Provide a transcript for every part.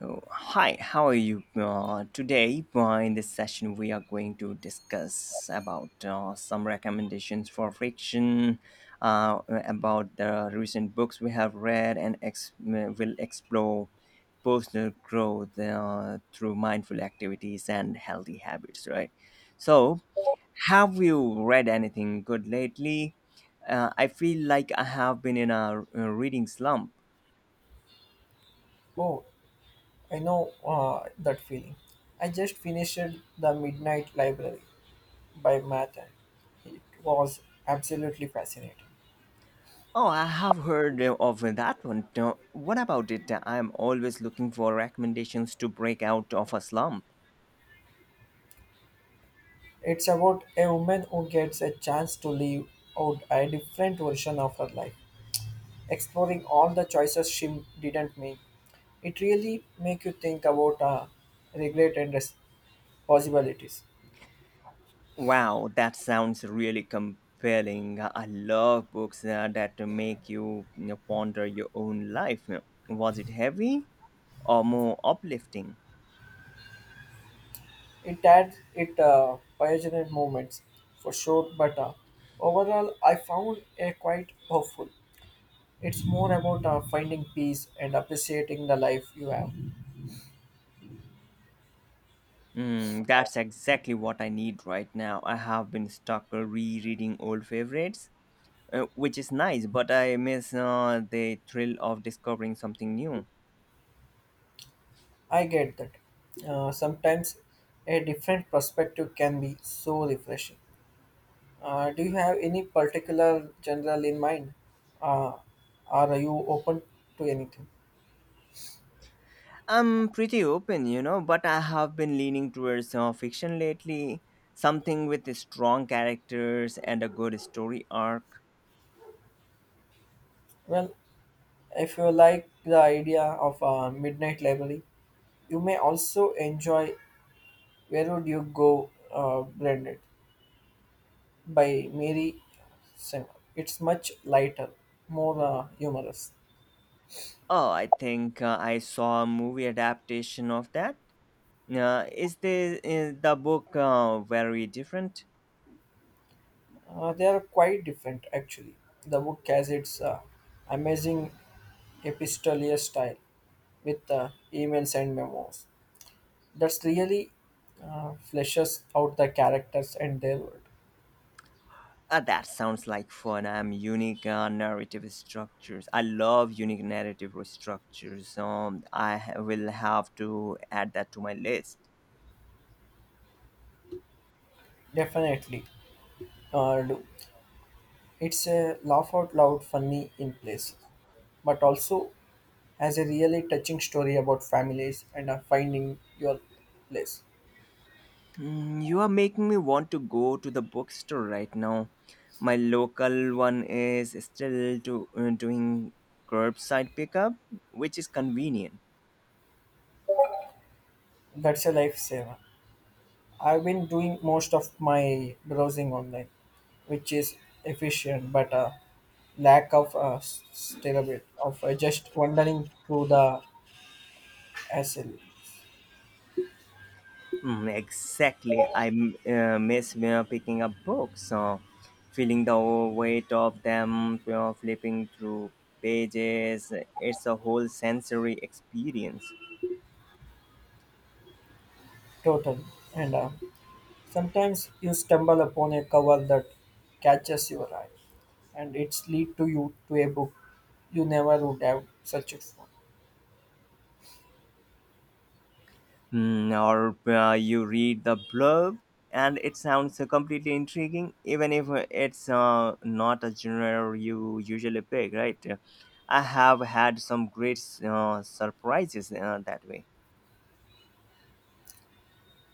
Oh, hi, how are you today? In this session, we are going to discuss about some recommendations for fiction, about the recent books we have read, and will explore personal growth through mindful activities and healthy habits. Right. So, have you read anything good lately? I feel like I have been in a reading slump. Oh, I know that feeling. I just finished The Midnight Library by Mathan. It was absolutely fascinating. Oh, I have heard of that one. What about it? I'm always looking for recommendations to break out of a slump. It's about a woman who gets a chance to live out a different version of her life, exploring all the choices she didn't make. It really makes you think about regret and possibilities. Wow, that sounds really compelling. I love books that make you, you know, ponder your own life. Was it heavy or more uplifting? It had it pioneered moments for sure, but overall I found it quite hopeful. It's more about finding peace and appreciating the life you have. Mm, that's exactly what I need right now. I have been stuck rereading old favorites, which is nice, but I miss the thrill of discovering something new. I get that. Sometimes a different perspective can be so refreshing. Do you have any particular general in mind? Uh, are you open to anything? I'm pretty open, you know, but I have been leaning towards fiction lately. Something with strong characters and a good story arc. Well, if you like the idea of a midnight library, you may also enjoy Where Would You Go Branded by Mary Singer. It's much lighter, more humorous. Oh, I think I saw a movie adaptation of that. Is the book very different? They are quite different, actually. The book has its amazing epistolary style with emails and memos. That's really fleshes out the characters and their world. That sounds like fun. I love unique narrative structures. I will have to add that to my list. Definitely, do. It's a laugh out loud, funny in place, but also has a really touching story about families and finding your place. Mm, you are making me want to go to the bookstore right now. My local one is still doing curbside pickup, which is convenient. That's a lifesaver. I've been doing most of my browsing online, which is efficient, but a lack of stability of just wandering through the SL Mm, exactly. Miss picking up books, feeling the weight of them, you know, flipping through pages. It's a whole sensory experience. total. And sometimes you stumble upon a cover that catches your eye, and it's lead to you to a book you never would have searched for. Hmm, or you read the blurb and it sounds completely intriguing even if it's not a genre you usually pick, right? I have had some great surprises that way.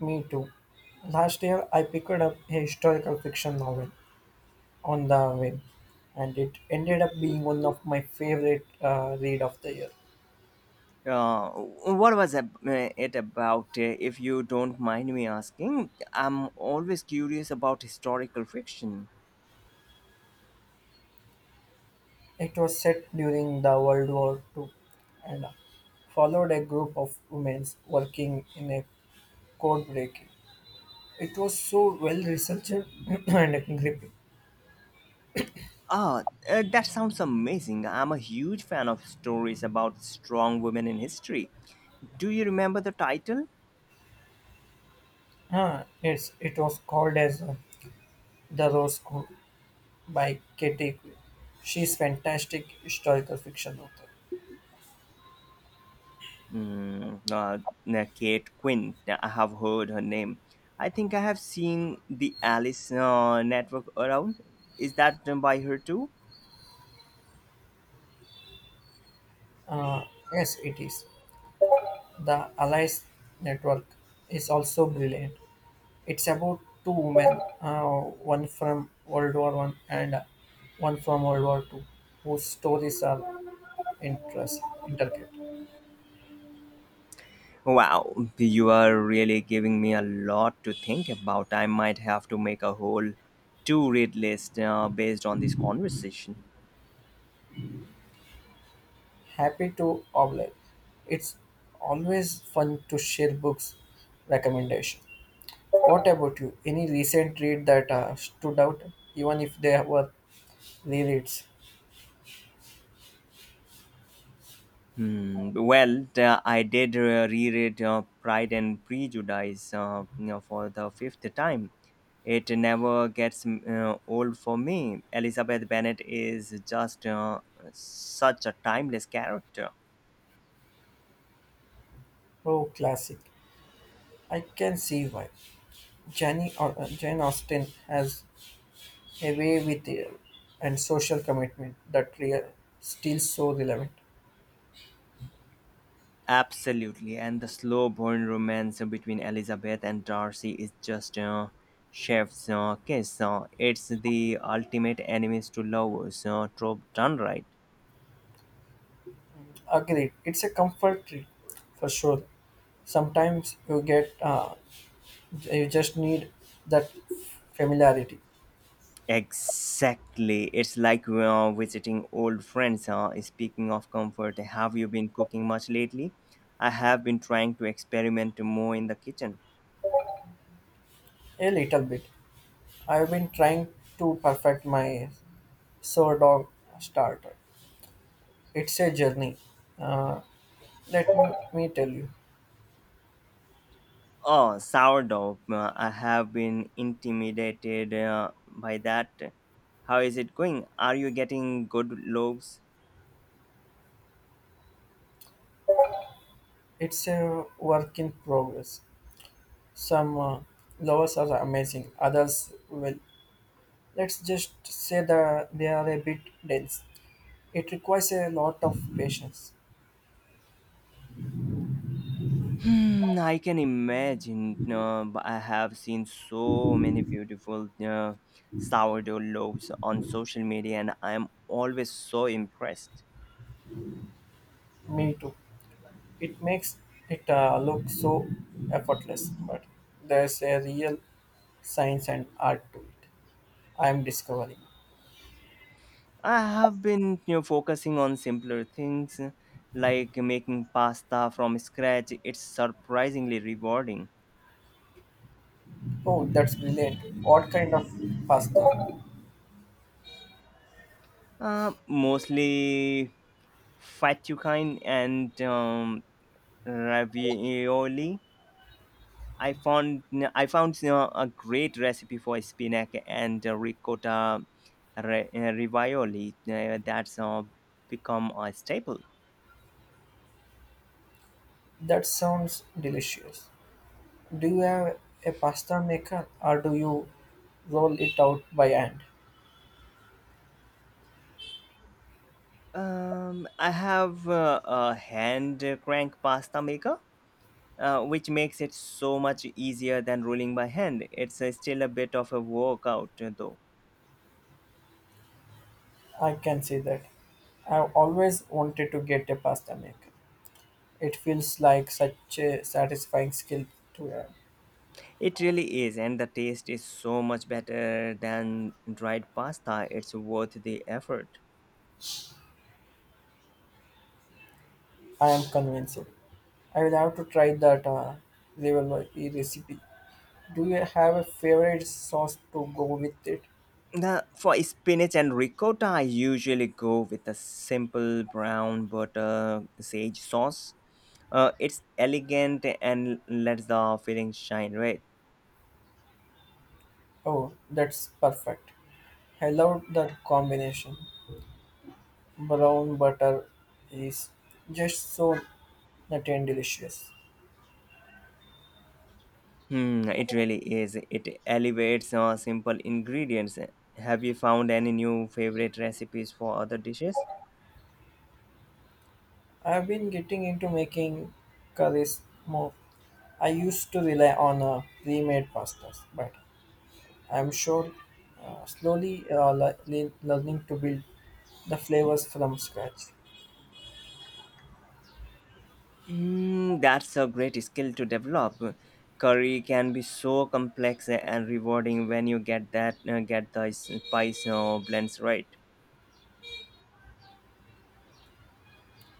Me too. Last year, I picked up a historical fiction novel on the whim, and it ended up being one of my favorite read of the year. Uh, what was ab- uh, it about, if you don't mind me asking? I'm always curious about historical fiction. It was set during the World War Two, and followed a group of women working in a code breaking. It was so well researched and gripping. Ah, that sounds amazing. I'm a huge fan of stories about strong women in history. Do you remember the title? Ah, it was called as The Rose School by Katie Quinn. She's fantastic historical fiction author. Mm, uh, Kate Quinn. Yeah, I have heard her name. I think I have seen the Alice Network around. Is that done by her too? Uh, yes, it is. The Allies Network is also brilliant. It's about two women, one from World War One and one from World War Two, whose stories are interest, intricate. Wow, you are really giving me a lot to think about. I might have to make a whole to read list based on this conversation. Happy to oblige. It's always fun to share books recommendation. What about you? Any recent read that stood out, even if they were rereads? Hmm. Well, I did reread Pride and Prejudice, you know, for the fifth time. It never gets old for me. Elizabeth Bennet is just such a timeless character. Oh, classic. I can see why. Jenny or Jane Austen has away with the and social commitment that still so relevant. Absolutely, and the slow-burn romance between Elizabeth and Darcy is just a chef's kiss. It's the ultimate enemies to lovers trope done right. Agreed, it's a comfort tree for sure. Sometimes you get you just need that familiarity Exactly. It's like visiting old friends. Huh? Speaking of comfort, have you been cooking much lately? I have been trying to experiment more in the kitchen. a little bit. I've been trying to perfect my sour dog starter. It's a journey. Uh, Let me tell you, Oh, sourdough. I have been intimidated by that. How is it going? Are you getting good loaves? it's a work in progress. Some lovers are amazing, others will. Let's just say that they are a bit dense. It requires a lot of patience. Hmm, I can imagine. No, but I have seen so many beautiful sourdough loaves on social media, and I am always so impressed. Me too. It makes it look so effortless, but there's a real science and art to it. I'm discovering. I have been, you know, focusing on simpler things like making pasta from scratch. It's surprisingly rewarding. Oh, that's brilliant. What kind of pasta? Mostly fettuccine and ravioli. I found I found you know, a great recipe for spinach and ricotta ravioli that's become a staple. That sounds delicious. Do you have a pasta maker or do you roll it out by hand? I have a hand crank pasta maker which makes it so much easier than ruling by hand. It's still a bit of a workout, though. I can see that. I've always wanted to get a pasta maker. It feels like such a satisfying skill to learn. It really is, and the taste is so much better than dried pasta. It's worth the effort. I am convinced. I will have to try that ravioli recipe. Do you have a favorite sauce to go with it? For spinach and ricotta, I usually go with a simple brown butter sage sauce. It's elegant and lets the filling shine, right? Oh, that's perfect. I love that combination. Brown butter is just so nutty and delicious. Hmm, it really is. It elevates simple ingredients. Have you found any new favorite recipes for other dishes? I've been getting into making curries more. I used to rely on pre-made pastas, but I'm sure slowly learning to build the flavors from scratch. Hmm, that's a great skill to develop. Curry can be so complex and rewarding when you get the spice blends right.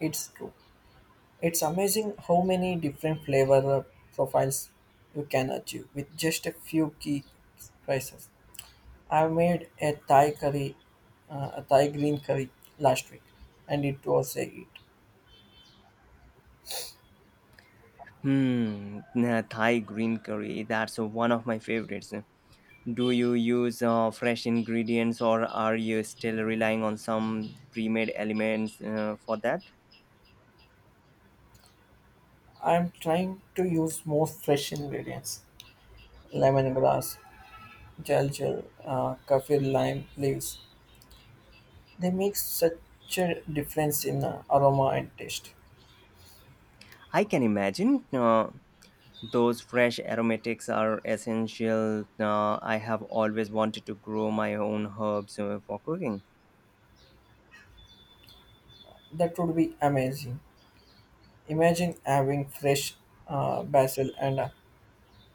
It's true. It's amazing how many different flavor profiles you can achieve with just a few key spices. I made a Thai green curry last week, and it was a hit. Hmm, nah, Thai green curry. That's one of my favorites. Do you use fresh ingredients, or are you still relying on some pre-made elements for that? I'm trying to use more fresh ingredients, lemongrass, kaffir lime leaves. They make such a difference in aroma and taste. I can imagine. Those fresh aromatics are essential. I have always wanted to grow my own herbs for cooking. That would be amazing. Imagine having fresh basil and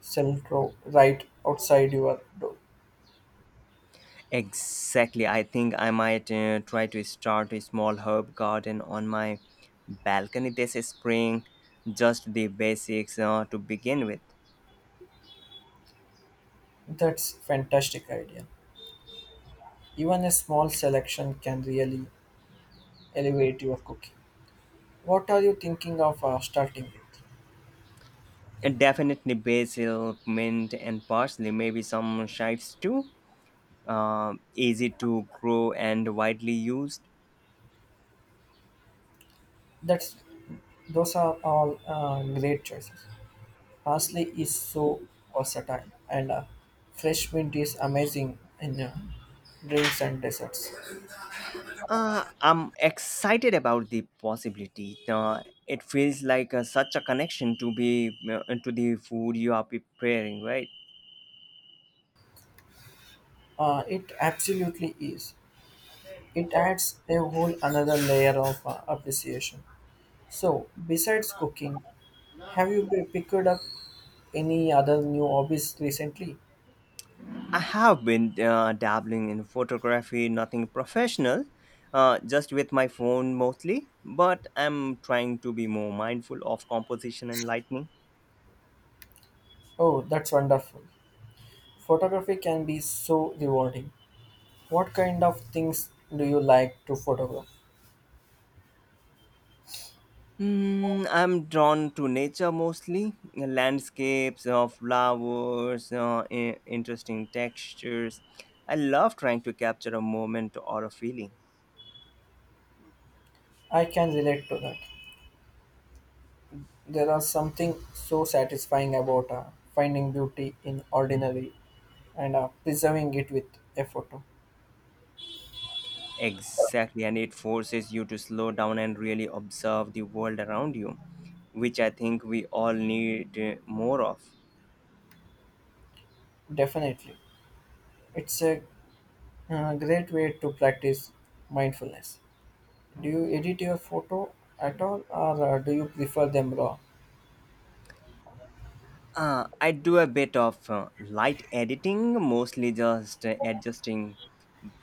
cilantro right outside your door. Exactly. I think I might try to start a small herb garden on my balcony this spring. Just the basics to begin with. That's fantastic idea. Even a small selection can really elevate your cooking. What are you thinking of starting with? And definitely basil, mint, and parsley. Maybe some chives too. Easy to grow and widely used. That's Those are all great choices. Parsley is so versatile, and fresh mint is amazing in drinks and desserts. I'm excited about the possibility. It feels like such a connection to be to the food you are preparing, right? It absolutely is. It adds a whole another layer of appreciation. So, besides cooking, have you picked up any other new hobbies recently? I have been dabbling in photography, nothing professional, just with my phone mostly. But I'm trying to be more mindful of composition and lighting. Oh, that's wonderful. Photography can be so rewarding. What kind of things do you like to photograph? Mm, I'm drawn to nature mostly, landscapes of flowers, interesting textures. I love trying to capture a moment or a feeling. I can relate to that. There are something so satisfying about finding beauty in ordinary and preserving it with a photo. Exactly, and it forces you to slow down and really observe the world around you, which I think we all need more of. Definitely. It's a. A great way to practice mindfulness. Do you edit your photo at all or do you prefer them raw? I do a bit of light editing, mostly just adjusting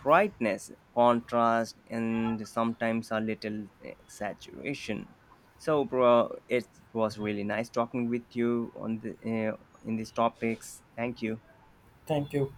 brightness, contrast, and sometimes a little saturation. So, bro, it was really nice talking with you on the in these topics. Thank you. Thank you.